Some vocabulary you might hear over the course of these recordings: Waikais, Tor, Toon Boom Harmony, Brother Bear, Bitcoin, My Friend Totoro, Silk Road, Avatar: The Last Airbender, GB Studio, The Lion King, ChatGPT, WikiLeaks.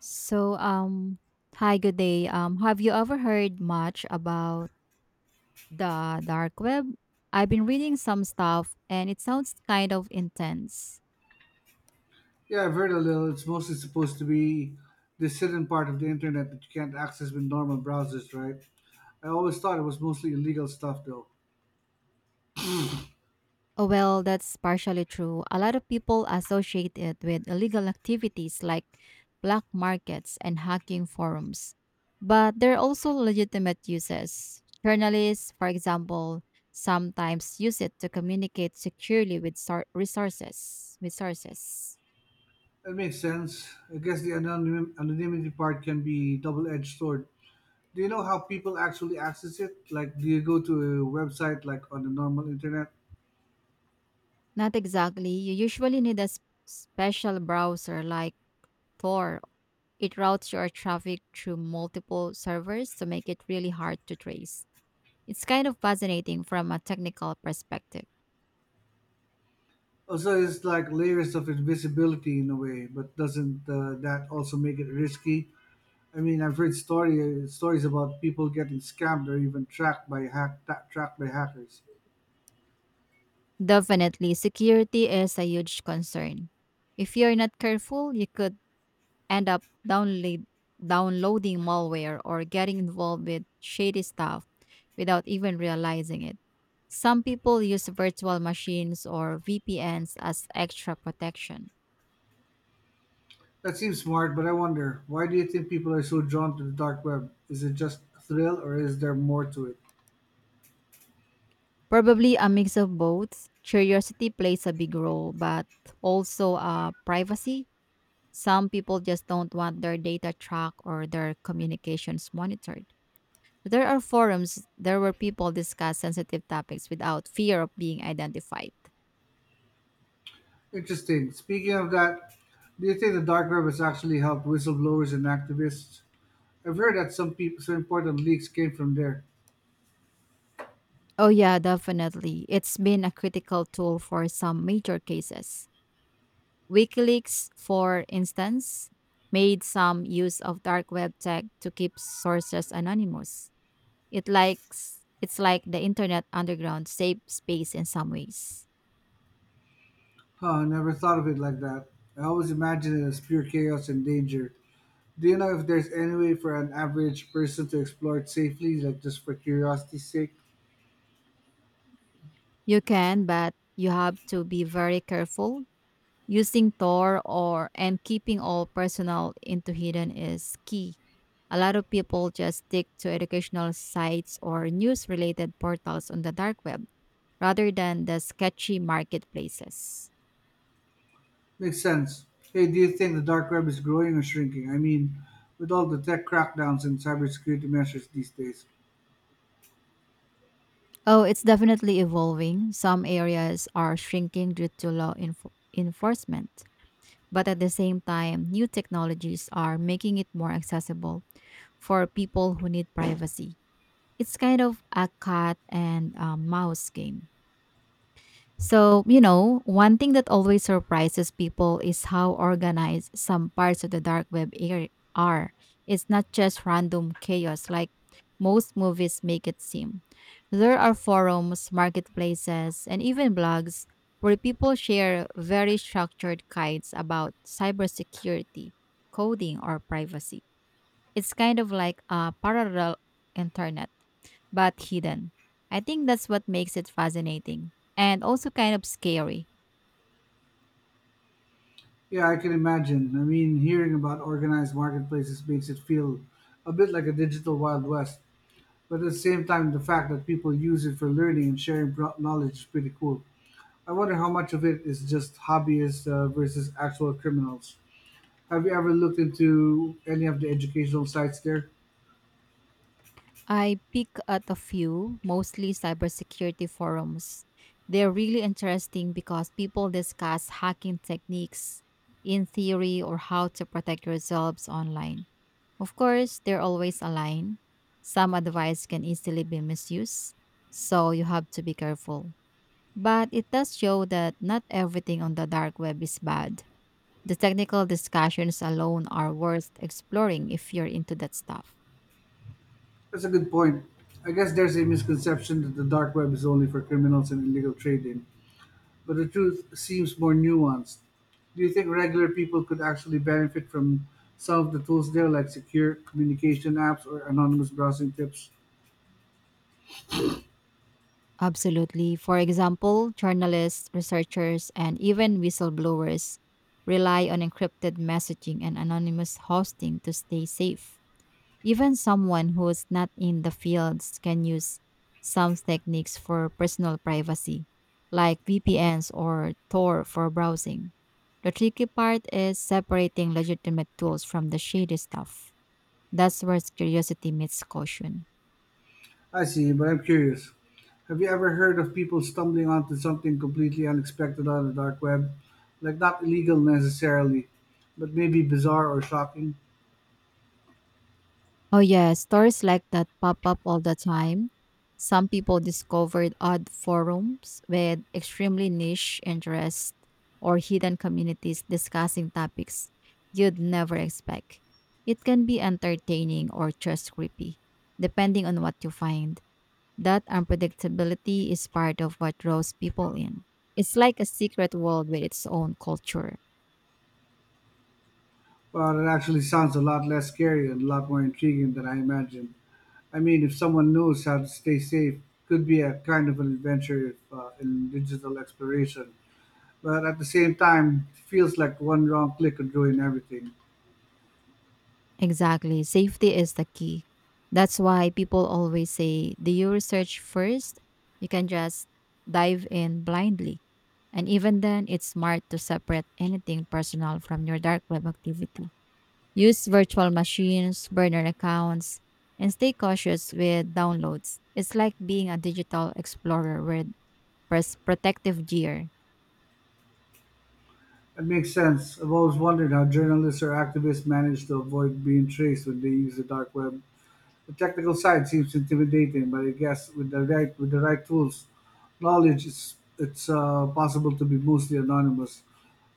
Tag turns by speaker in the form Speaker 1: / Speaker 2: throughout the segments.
Speaker 1: So, um, Hi, good day. Have you ever heard much about the dark web? I've been reading some stuff and it sounds kind of intense.
Speaker 2: Yeah, I've heard a little. It's mostly supposed to be this hidden part of the internet that you can't access with normal browsers, right? I always thought it was mostly illegal stuff, though.
Speaker 1: Oh, well, that's partially true. A lot of people associate it with illegal activities like black markets and hacking forums. But there are also legitimate uses. Journalists, for example, sometimes use it to communicate securely with resources. Resources.
Speaker 2: That makes sense. I guess the anonymity part can be double-edged sword. Do you know how people actually access it? Like, do you go to a website like on the normal internet?
Speaker 1: Not exactly. You usually need a special browser like Tor. It routes your traffic through multiple servers to make it really hard to trace. It's kind of fascinating from a technical perspective.
Speaker 2: Also, it's like layers of invisibility in a way, but doesn't that also make it risky? I mean, I've read story stories about people getting scammed or even tracked by hackers.
Speaker 1: Definitely, security is a huge concern. If you're not careful, you could end up downloading malware or getting involved with shady stuff without even realizing it. Some people use virtual machines or VPNs as extra protection.
Speaker 2: That seems smart, but I wonder why do you think people are so drawn to the dark web? Is it just a thrill, or is there more to it?
Speaker 1: Probably a mix of both. Curiosity plays a big role, but also privacy. Some people just don't want their data tracked or their communications monitored. There are forums there where people discuss sensitive topics without fear of being identified.
Speaker 2: Interesting. Speaking of that, do you think the dark web has actually helped whistleblowers and activists? I've heard that some people, some important leaks came from there.
Speaker 1: Oh, yeah, definitely. It's been a critical tool for some major cases. WikiLeaks, for instance, made some use of dark web tech to keep sources anonymous. It's like the internet underground safe space in some ways.
Speaker 2: Huh? I never thought of it like that. I always imagined it as pure chaos and danger. Do you know if there's any way for an average person to explore it safely, like just for curiosity's sake?
Speaker 1: You can, but you have to be very careful. Using Tor or and keeping all personal into hidden is key. A lot of people just stick to educational sites or news related portals on the dark web rather than the sketchy marketplaces.
Speaker 2: Makes sense. Hey, do you think the dark web is growing or shrinking? I mean, with all the tech crackdowns and cybersecurity measures these days.
Speaker 1: Oh, it's definitely evolving. Some areas are shrinking due to law enforcement, but at the same time, new technologies are making it more accessible for people who need privacy. It's kind of a cat and mouse game. So, you know, one thing that always surprises people is how organized some parts of the dark web are. It's not just random chaos like most movies make it seem. There are forums, marketplaces, and even blogs where people share very structured guides about cybersecurity, coding, or privacy. It's kind of like a parallel internet, but hidden. I think that's what makes it fascinating and also kind of scary.
Speaker 2: Yeah, I can imagine. I mean, hearing about organized marketplaces makes it feel a bit like a digital Wild West. But at the same time, the fact that people use it for learning and sharing knowledge is pretty cool. I wonder how much of it is just hobbyists versus actual criminals. Have you ever looked into any of the educational sites there?
Speaker 1: I pick at a few, mostly cybersecurity forums. They're really interesting because people discuss hacking techniques in theory or how to protect yourselves online. Of course, they're always aligned. Some advice can easily be misused, so you have to be careful. But it does show that not everything on the dark web is bad. The technical discussions alone are worth exploring if you're into that stuff.
Speaker 2: That's a good point. I guess there's a misconception that the dark web is only for criminals and illegal trading, but the truth seems more nuanced. Do you think regular people could actually benefit from some of the tools there, like secure communication apps or anonymous browsing tips?
Speaker 1: Absolutely. For example, journalists, researchers, and even whistleblowers rely on encrypted messaging and anonymous hosting to stay safe. Even someone who's not in the fields can use some techniques for personal privacy, like VPNs or Tor for browsing. The tricky part is separating legitimate tools from the shady stuff. That's where curiosity meets caution.
Speaker 2: I see, but I'm curious. Have you ever heard of people stumbling onto something completely unexpected on the dark web? Like, not illegal necessarily, but maybe bizarre or shocking?
Speaker 1: Oh, yeah, stories like that pop up all the time. Some people discovered odd forums with extremely niche interests or hidden communities discussing topics you'd never expect. It can be entertaining or just creepy, depending on what you find. That unpredictability is part of what draws people in. It's like a secret world with its own culture.
Speaker 2: Well, it actually sounds a lot less scary and a lot more intriguing than I imagined. I mean, if someone knows how to stay safe, could be a kind of an adventure if, in digital exploration. But at the same time, it feels like one wrong click could ruin everything.
Speaker 1: Exactly. Safety is the key. That's why people always say, do you research first? You can just dive in blindly. And even then, it's smart to separate anything personal from your dark web activity. Use virtual machines, burner accounts, and stay cautious with downloads. It's like being a digital explorer with protective gear.
Speaker 2: It makes sense. I've always wondered how journalists or activists manage to avoid being traced when they use the dark web. The technical side seems intimidating, but I guess with the right tools, knowledge it's possible to be mostly anonymous.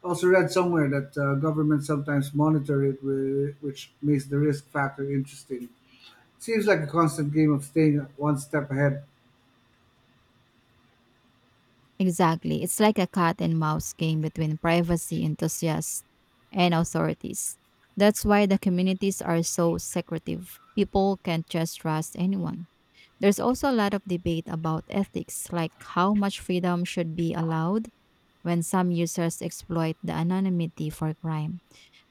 Speaker 2: I also read somewhere that governments sometimes monitor it, which makes the risk factor interesting. Seems like a constant game of staying one step ahead.
Speaker 1: Exactly. It's like a cat and mouse game between privacy enthusiasts and authorities. That's why the communities are so secretive. People can't just trust anyone. There's also a lot of debate about ethics, like how much freedom should be allowed when some users exploit the anonymity for crime.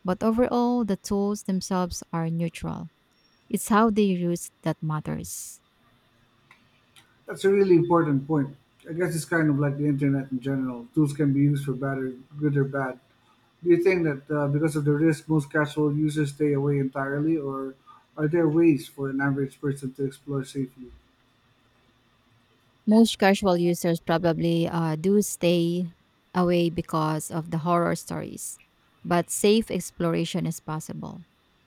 Speaker 1: But overall, the tools themselves are neutral. It's how they use that matters.
Speaker 2: That's a really important point. I guess it's kind of like the internet in general. Tools can be used for bad or good or bad. Do you think that because of the risk, most casual users stay away entirely, or are there ways for an average person to explore safely?
Speaker 1: Most casual users probably do stay away because of the horror stories, but safe exploration is possible.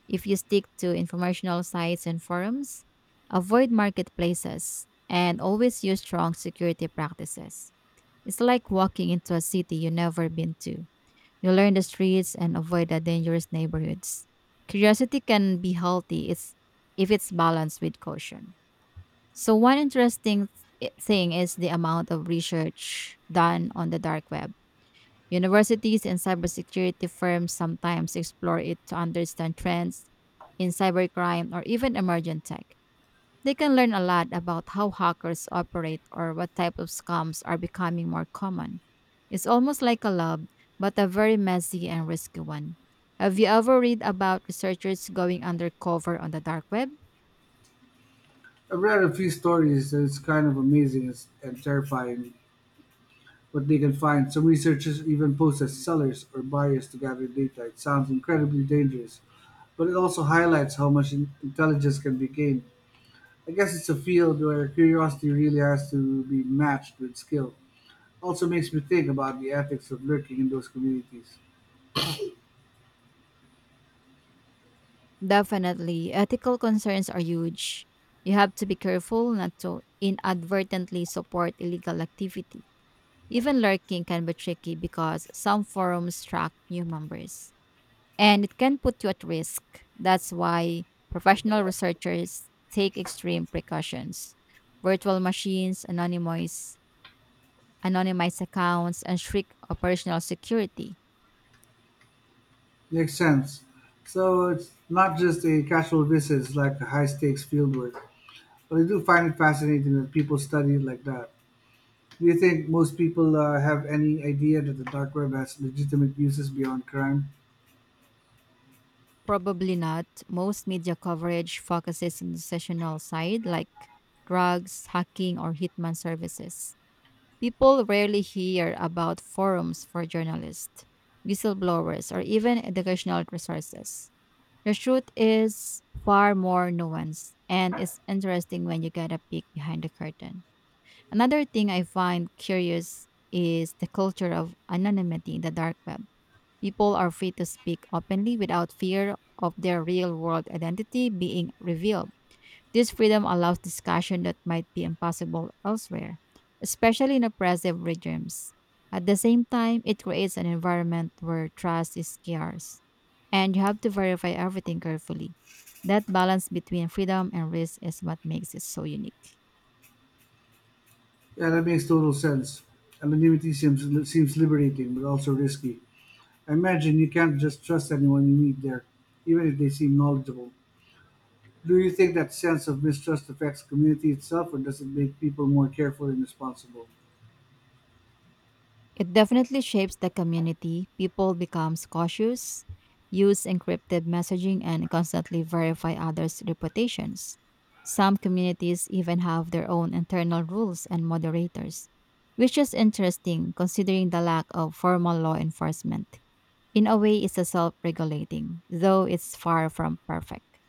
Speaker 1: If you stick to informational sites and forums, avoid marketplaces, and always use strong security practices. It's like walking into a city you've never been to. You learn the streets and avoid the dangerous neighborhoods. Curiosity can be healthy if it's balanced with caution. So, one interesting thing is the amount of research done on the dark web. Universities and cybersecurity firms sometimes explore it to understand trends in cybercrime or even emergent tech. They can learn a lot about how hackers operate or what type of scams are becoming more common. It's almost like a lab, but a very messy and risky one. Have you ever read about researchers going undercover on the dark web?
Speaker 2: I've read a few stories, and it's kind of amazing and terrifying what they can find. Some researchers even pose as sellers or buyers to gather data. It sounds incredibly dangerous, but it also highlights how much intelligence can be gained. I guess it's a field where curiosity really has to be matched with skill. Also makes me think about the ethics of lurking in those communities.
Speaker 1: Definitely. Ethical concerns are huge. You have to be careful not to inadvertently support illegal activity. Even lurking can be tricky because some forums track new members and it can put you at risk. That's why professional researchers take extreme precautions. Virtual machines, anonymized accounts, and strict operational security.
Speaker 2: Makes sense. So it's not just a casual visit, it's like a high stakes fieldwork. But I do find it fascinating that people study it like that. Do you think most people have any idea that the dark web has legitimate uses beyond crime?
Speaker 1: Probably not. Most media coverage focuses on the sessional side, like drugs, hacking, or hitman services. People rarely hear about forums for journalists, whistleblowers, or even educational resources. The truth is far more nuanced, and it's interesting when you get a peek behind the curtain. Another thing I find curious is the culture of anonymity in the dark web. People are free to speak openly without fear of their real world identity being revealed. This freedom allows discussion that might be impossible elsewhere, especially in oppressive regimes. At the same time, it creates an environment where trust is scarce and you have to verify everything carefully. That balance between freedom and risk is what makes it so unique.
Speaker 2: Yeah, that makes total sense. Anonymity seems liberating, but also risky. I imagine you can't just trust anyone you meet there, even if they seem knowledgeable. Do you think that sense of mistrust affects community itself, or does it make people more careful and responsible?
Speaker 1: It definitely shapes the community. People becomes cautious, use encrypted messaging and constantly verify others' reputations. Some communities even have their own internal rules and moderators, which is interesting considering the lack of formal law enforcement. In a way, it's a self-regulating, though it's far from perfect.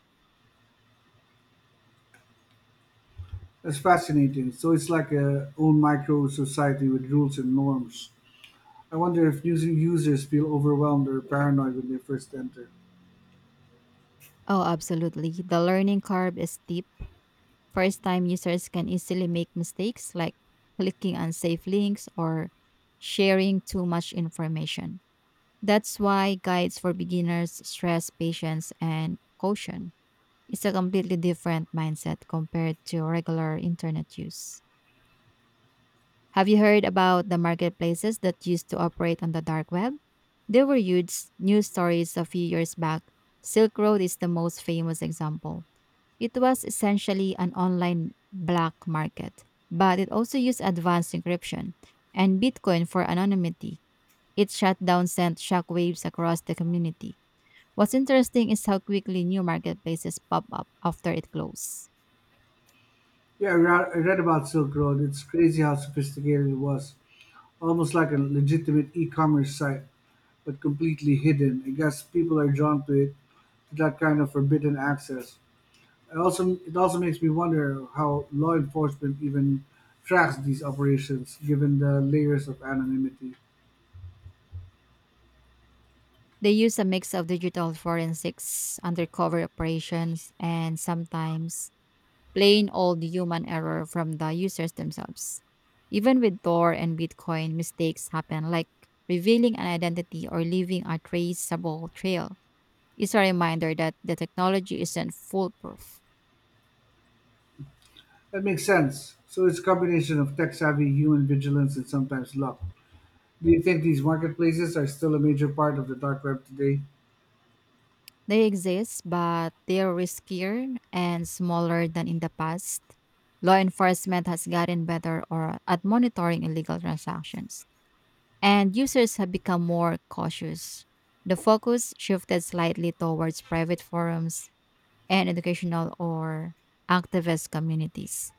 Speaker 2: That's fascinating. So it's like a own micro society with rules and norms. I wonder if new users feel overwhelmed or paranoid when they first enter.
Speaker 1: Oh, absolutely. The learning curve is steep. First time users can easily make mistakes like clicking unsafe links or sharing too much information. That's why guides for beginners stress patience and caution. It's a completely different mindset compared to regular internet use. Have you heard about the marketplaces that used to operate on the dark web? There were huge news stories a few years back. Silk Road is the most famous example. It was essentially an online black market, but it also used advanced encryption and Bitcoin for anonymity. Its shutdown sent shockwaves across the community. What's interesting is how quickly new marketplaces pop up after it closed.
Speaker 2: Yeah, I read about Silk Road. It's crazy how sophisticated it was. Almost like a legitimate e-commerce site, but completely hidden. I guess people are drawn to it, to that kind of forbidden access. It also makes me wonder how law enforcement even tracks these operations, given the layers of anonymity.
Speaker 1: They use a mix of digital forensics, undercover operations, and sometimes plain old human error from the users themselves. Even with Tor and Bitcoin, mistakes happen like revealing an identity or leaving a traceable trail. It's a reminder that the technology isn't foolproof.
Speaker 2: That makes sense. So it's a combination of tech savvy, human vigilance, and sometimes luck. Do you think these marketplaces are still a major part of the dark web today?
Speaker 1: They exist, but they're riskier and smaller than in the past. Law enforcement has gotten better or at monitoring illegal transactions, and users have become more cautious. The focus shifted slightly towards private forums, and educational or activist communities.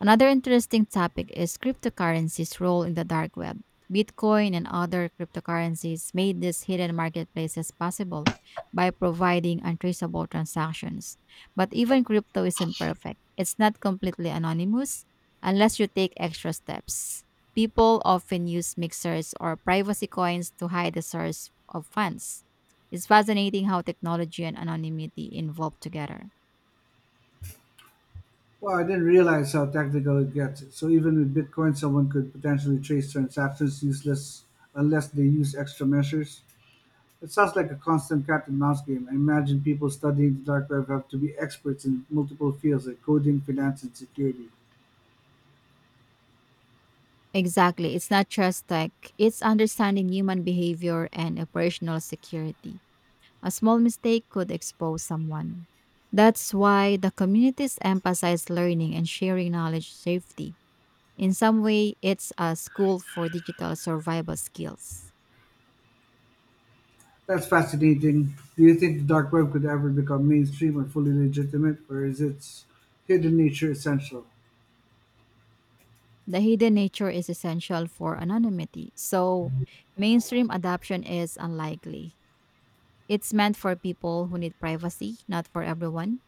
Speaker 1: Another interesting topic is cryptocurrency's role in the dark web. Bitcoin and other cryptocurrencies made these hidden marketplaces possible by providing untraceable transactions. But even crypto isn't perfect, it's not completely anonymous unless you take extra steps. People often use mixers or privacy coins to hide the source of funds. It's fascinating how technology and anonymity evolve together.
Speaker 2: Well, I didn't realize how technical it gets. So even with Bitcoin, someone could potentially trace transactions useless unless they use extra measures. It sounds like a constant cat and mouse game. I imagine people studying the dark web have to be experts in multiple fields like coding, finance, and security.
Speaker 1: Exactly. It's not just tech, it's understanding human behavior and operational security. A small mistake could expose someone. That's why the communities emphasize learning and sharing knowledge safety. In some way, it's a school for digital survival skills.
Speaker 2: That's fascinating. Do you think the dark web could ever become mainstream or fully legitimate, or is its hidden nature essential?
Speaker 1: The hidden nature is essential for anonymity, so mainstream adoption is unlikely. It's meant for people who need privacy, not for everyone.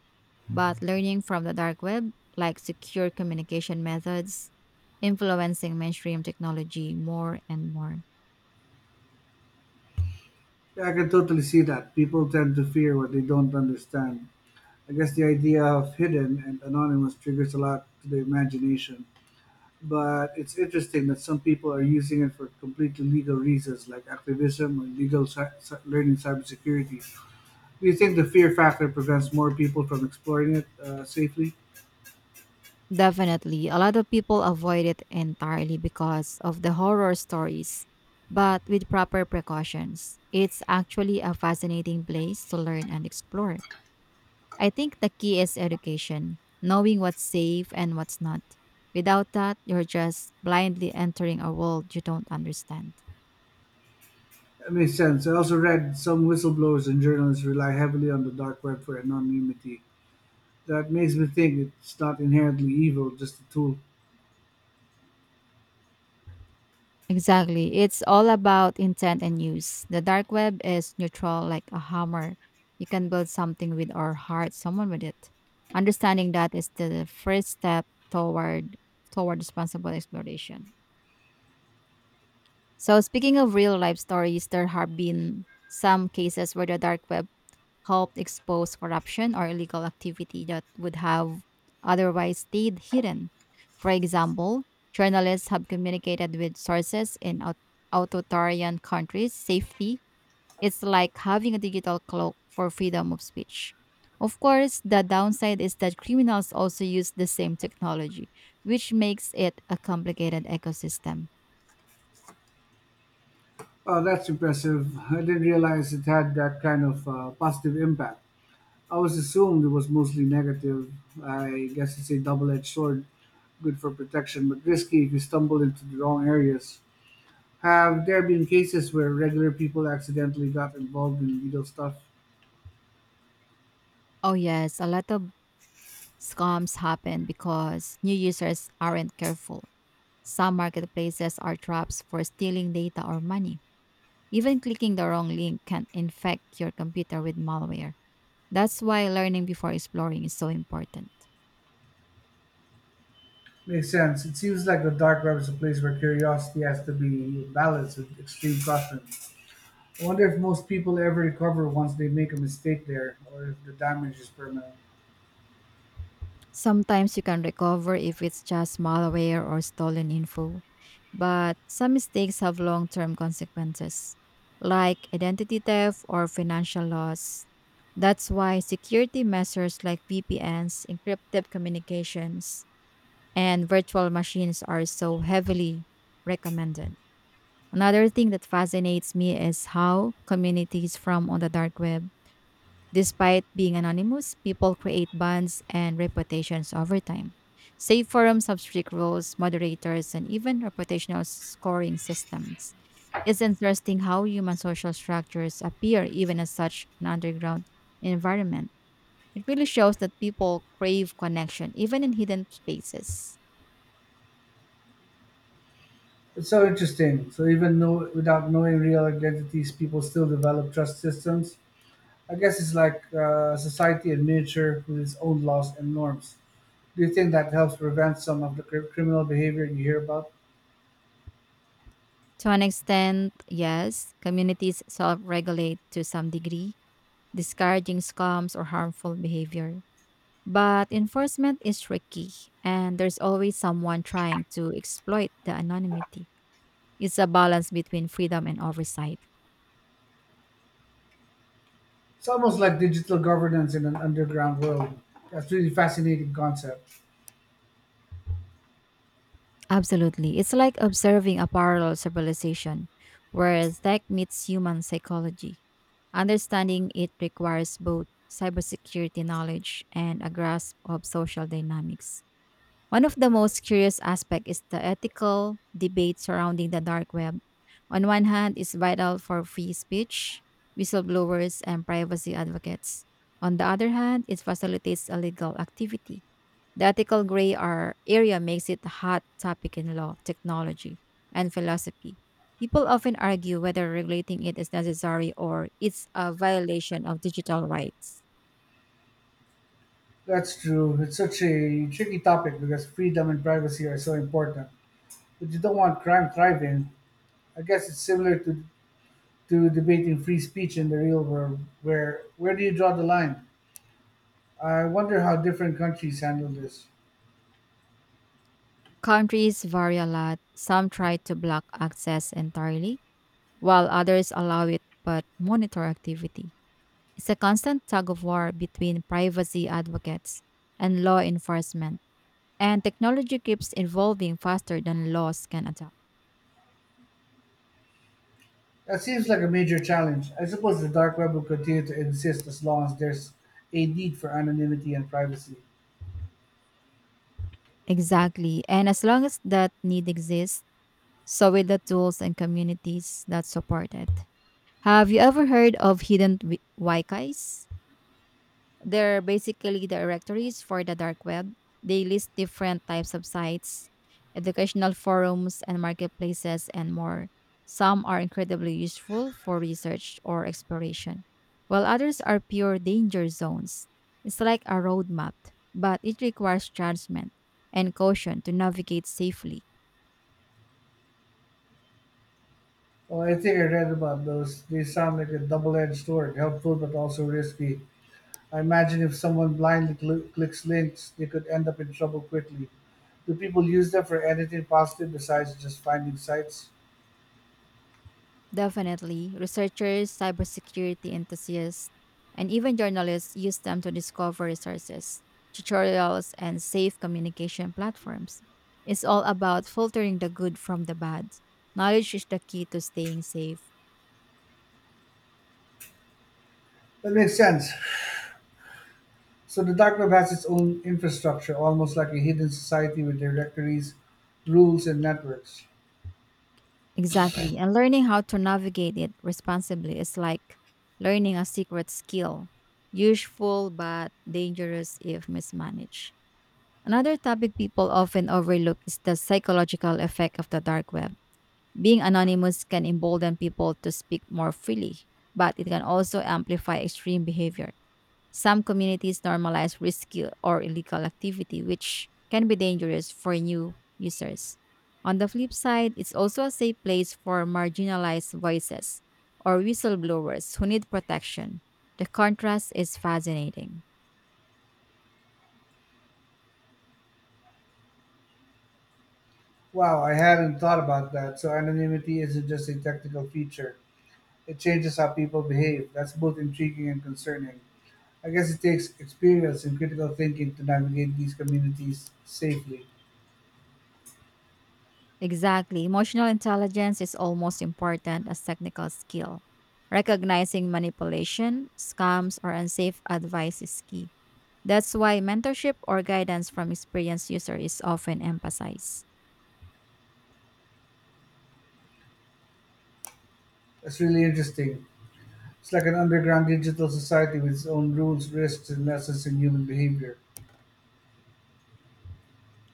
Speaker 1: But learning from the dark web, like secure communication methods, influencing mainstream technology more and more.
Speaker 2: Yeah, I can totally see that. People tend to fear what they don't understand. I guess the idea of hidden and anonymous triggers a lot to the imagination. But it's interesting that some people are using it for completely legal reasons, like activism or legal learning cybersecurity. Do you think the fear factor prevents more people from exploring it safely?
Speaker 1: Definitely, a lot of people avoid it entirely because of the horror stories. But with proper precautions, it's actually a fascinating place to learn and explore. I think the key is education, knowing what's safe and what's not. Without that, you're just blindly entering a world you don't understand.
Speaker 2: That makes sense. I also read some whistleblowers and journalists rely heavily on the dark web for anonymity. That makes me think it's not inherently evil, just a tool.
Speaker 1: Exactly. It's all about intent and use. The dark web is neutral like a hammer. You can build something with our heart, someone with it. Understanding that is the first step toward responsible exploration. So speaking of real life stories, there have been some cases where the dark web helped expose corruption or illegal activity that would have otherwise stayed hidden. For example, journalists have communicated with sources in authoritarian countries safely. It's like having a digital cloak for freedom of speech. Of course, the downside is that criminals also use the same technology, which makes it a complicated ecosystem.
Speaker 2: Oh, that's impressive. I didn't realize it had that kind of positive impact. I was assumed it was mostly negative. I guess it's a double edged sword, good for protection, but risky if you stumble into the wrong areas. Have there been cases where regular people accidentally got involved in illegal stuff?
Speaker 1: Oh, yes, a lot of scams happen because new users aren't careful. Some marketplaces are traps for stealing data or money. Even clicking the wrong link can infect your computer with malware. That's why learning before exploring is so important.
Speaker 2: Makes sense. It seems like the dark web is a place where curiosity has to be balanced with extreme caution. I wonder if most people ever recover once they make a mistake there, or if the damage is permanent.
Speaker 1: Sometimes you can recover if it's just malware or stolen info, but some mistakes have long term consequences, like identity theft or financial loss. That's why security measures like VPNs, encrypted communications, and virtual machines are so heavily recommended. Another thing that fascinates me is how communities from on the dark web, despite being anonymous, people create bonds and reputations over time. Safe forums have strict rules, moderators, and even reputational scoring systems. It's interesting how human social structures appear even in such an underground environment. It really shows that people crave connection, even in hidden spaces.
Speaker 2: It's so interesting. So even know, without knowing real identities, people still develop trust systems. I guess it's like society in miniature with its own laws and norms. Do you think that helps prevent some of the criminal behavior you hear about?
Speaker 1: To an extent, yes, communities self regulate to some degree, discouraging scams or harmful behavior. But enforcement is tricky, and there's always someone trying to exploit the anonymity. It's a balance between freedom and oversight.
Speaker 2: It's almost like digital governance in an underground world. That's really fascinating concept.
Speaker 1: Absolutely. It's like observing a parallel civilization where tech meets human psychology. Understanding it requires both cybersecurity knowledge and a grasp of social dynamics. One of the most curious aspects is the ethical debate surrounding the dark web. On one hand, it's vital for free speech, whistleblowers, and privacy advocates. On the other hand, it facilitates illegal activity. The ethical gray area makes it a hot topic in law, technology, and philosophy. People often argue whether regulating it is necessary or it's a violation of digital rights.
Speaker 2: That's true. It's such a tricky topic because freedom and privacy are so important. But you don't want crime thriving. I guess it's similar to debating free speech in the real world, where do you draw the line? I wonder how different countries handle this.
Speaker 1: Countries vary a lot. Some try to block access entirely while others allow it but monitor activity. It's a constant tug of war between privacy advocates and law enforcement, and technology keeps evolving faster than laws can adapt.
Speaker 2: That seems like a major challenge. I suppose the dark web will continue to exist as long as there's a need for anonymity and privacy.
Speaker 1: Exactly. And as long as that need exists, so will the tools and communities that support it. Have you ever heard of hidden Waikais? They're basically directories for the dark web. They list different types of sites, educational forums, and marketplaces, and more. Some are incredibly useful for research or exploration, while others are pure danger zones. It's like a roadmap, but it requires judgment and caution to navigate safely.
Speaker 2: Well, I think I read about those. They sound like a double edged sword, helpful but also risky. I imagine if someone blindly clicks links, they could end up in trouble quickly. Do people use them for anything positive besides just finding sites?
Speaker 1: Definitely. Researchers, cybersecurity enthusiasts, and even journalists use them to discover resources, tutorials, and safe communication platforms. It's all about filtering the good from the bad. Knowledge is the key to staying safe.
Speaker 2: That makes sense. So the dark web has its own infrastructure, almost like a hidden society with directories, rules, and networks.
Speaker 1: Exactly. And learning how to navigate it responsibly is like learning a secret skill, useful but dangerous if mismanaged. Another topic people often overlook is the psychological effect of the dark web. Being anonymous can embolden people to speak more freely, but it can also amplify extreme behavior. Some communities normalize risky or illegal activity, which can be dangerous for new users. On the flip side, it's also a safe place for marginalized voices or whistleblowers who need protection. The contrast is fascinating.
Speaker 2: Wow, I hadn't thought about that. So anonymity isn't just a technical feature. It changes how people behave. That's both intriguing and concerning. I guess it takes experience and critical thinking to navigate these communities safely.
Speaker 1: Exactly. Emotional intelligence is almost important as technical skill. Recognizing manipulation, scams, or unsafe advice is key. That's why mentorship or guidance from experienced user is often emphasized.
Speaker 2: That's really interesting. It's like an underground digital society with its own rules, risks, and lessons in human behavior.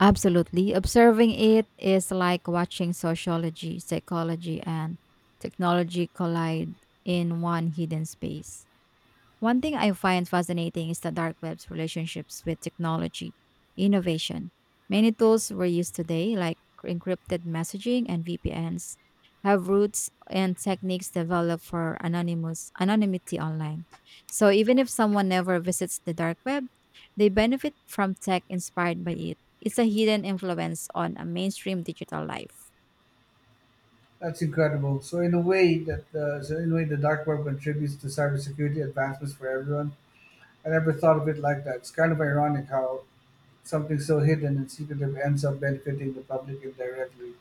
Speaker 1: Absolutely. Observing it is like watching sociology, psychology, and technology collide in one hidden space. One thing I find fascinating is the dark web's relationships with technology innovation. Many tools we're used today, like encrypted messaging and VPNs, have roots and techniques developed for anonymous anonymity online. So even if someone never visits the dark web, they benefit from tech inspired by it. It's a hidden influence on a mainstream digital life.
Speaker 2: That's incredible. So in a way the dark web contributes to cybersecurity advancements for everyone. I never thought of it like that. It's kind of ironic how something so hidden and secretive ends up benefiting the public indirectly.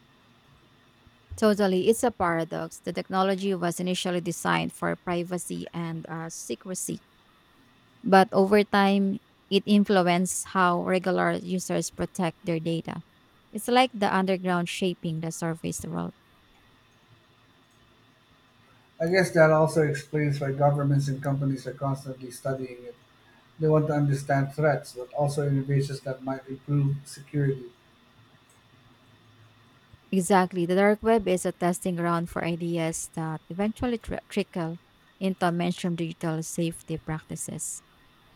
Speaker 1: Totally, it's a paradox. The technology was initially designed for privacy and secrecy, but over time, it influences how regular users protect their data. It's like the underground shaping the surface world.
Speaker 2: I guess that also explains why governments and companies are constantly studying it. They want to understand threats, but also innovations that might improve security.
Speaker 1: Exactly. The dark web is a testing ground for ideas that eventually trickle into mainstream digital safety practices.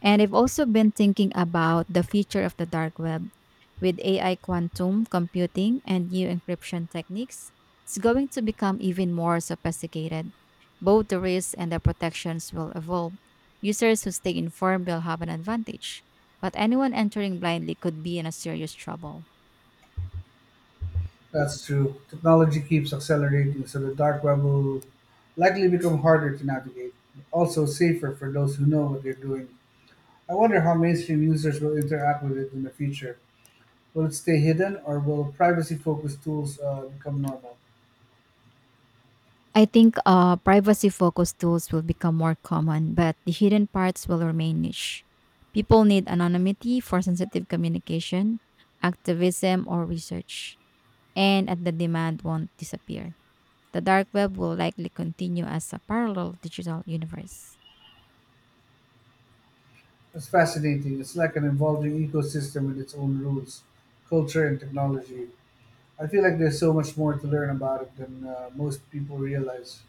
Speaker 1: And I've also been thinking about the future of the dark web with AI quantum computing and new encryption techniques. It's going to become even more sophisticated. Both the risks and the protections will evolve. Users who stay informed will have an advantage, but anyone entering blindly could be in a serious trouble.
Speaker 2: That's true. Technology keeps accelerating, so the dark web will likely become harder to navigate, but also safer for those who know what they're doing. I wonder how mainstream users will interact with it in the future. Will it stay hidden, or will privacy focused tools become normal?
Speaker 1: I think privacy focused tools will become more common, but the hidden parts will remain niche. People need anonymity for sensitive communication, activism, or research. And at the demand won't disappear. The dark web will likely continue as a parallel digital universe.
Speaker 2: It's fascinating. It's like an evolving ecosystem with its own rules, culture, and technology. I feel like there's so much more to learn about it than most people realize.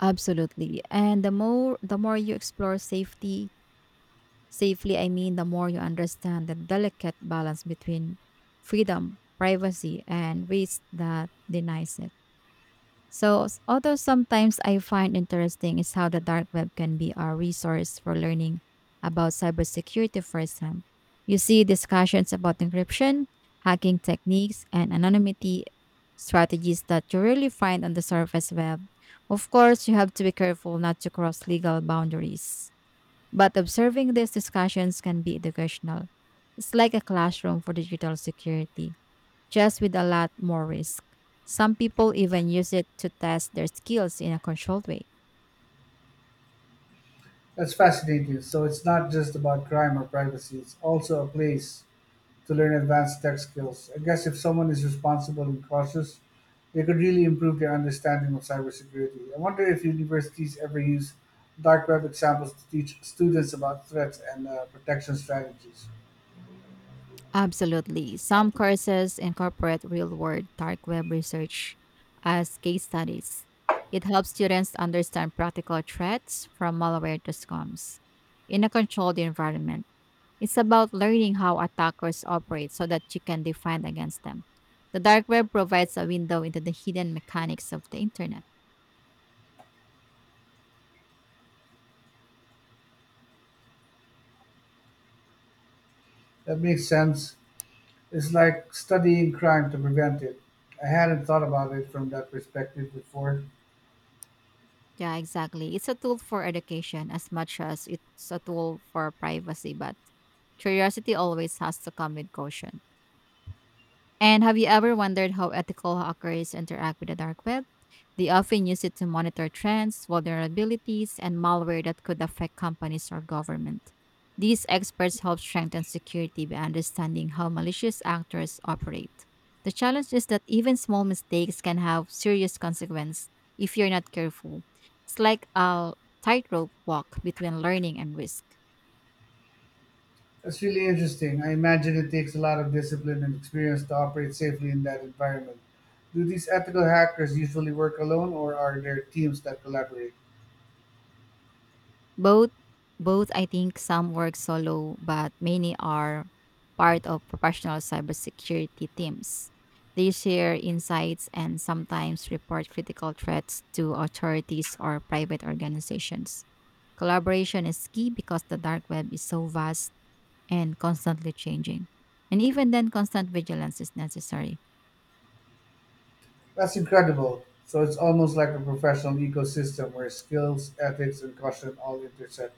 Speaker 1: Absolutely. And the more you explore safety, safely I mean the more you understand the delicate balance between freedom, privacy, and risk that denies it. So, although sometimes I find interesting is how the dark web can be a resource for learning about cybersecurity firsthand. You see discussions about encryption, hacking techniques, and anonymity strategies that you really find on the surface web. Of course, you have to be careful not to cross legal boundaries, but observing these discussions can be educational. It's like a classroom for digital security just with a lot more risk. Some people even use it to test their skills in a controlled way.
Speaker 2: That's fascinating. So it's not just about crime or privacy, it's also a place to learn advanced tech skills. I guess if someone is responsible and cautious, they could really improve their understanding of cybersecurity. I wonder if universities ever use dark web examples to teach students about threats and protection strategies.
Speaker 1: Absolutely. Some courses incorporate real world dark web research as case studies. It helps students understand practical threats from malware to scams in a controlled environment. It's about learning how attackers operate so that you can defend against them. The dark web provides a window into the hidden mechanics of the internet.
Speaker 2: That makes sense. It's like studying crime to prevent it. I hadn't thought about it from that perspective before.
Speaker 1: Yeah, exactly. It's a tool for education as much as it's a tool for privacy, but curiosity always has to come with caution. And have you ever wondered how ethical hackers interact with the dark web? They often use it to monitor trends, vulnerabilities, and malware that could affect companies or government. These experts help strengthen security by understanding how malicious actors operate. The challenge is that even small mistakes can have serious consequences if you're not careful. It's like a tightrope walk between learning and risk.
Speaker 2: That's really interesting. I imagine it takes a lot of discipline and experience to operate safely in that environment. Do these ethical hackers usually work alone or are there teams that collaborate?
Speaker 1: Both both, I think some work solo, but many are part of professional cybersecurity teams. They share insights and sometimes report critical threats to authorities or private organizations. Collaboration is key because the dark web is so vast and constantly changing. And even then constant vigilance is necessary.
Speaker 2: That's incredible. So it's almost like a professional ecosystem where skills, ethics, and caution all intersect.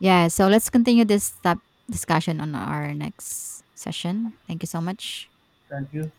Speaker 1: Yeah, so let's continue this discussion on our next session. Thank you so much.
Speaker 2: Thank you.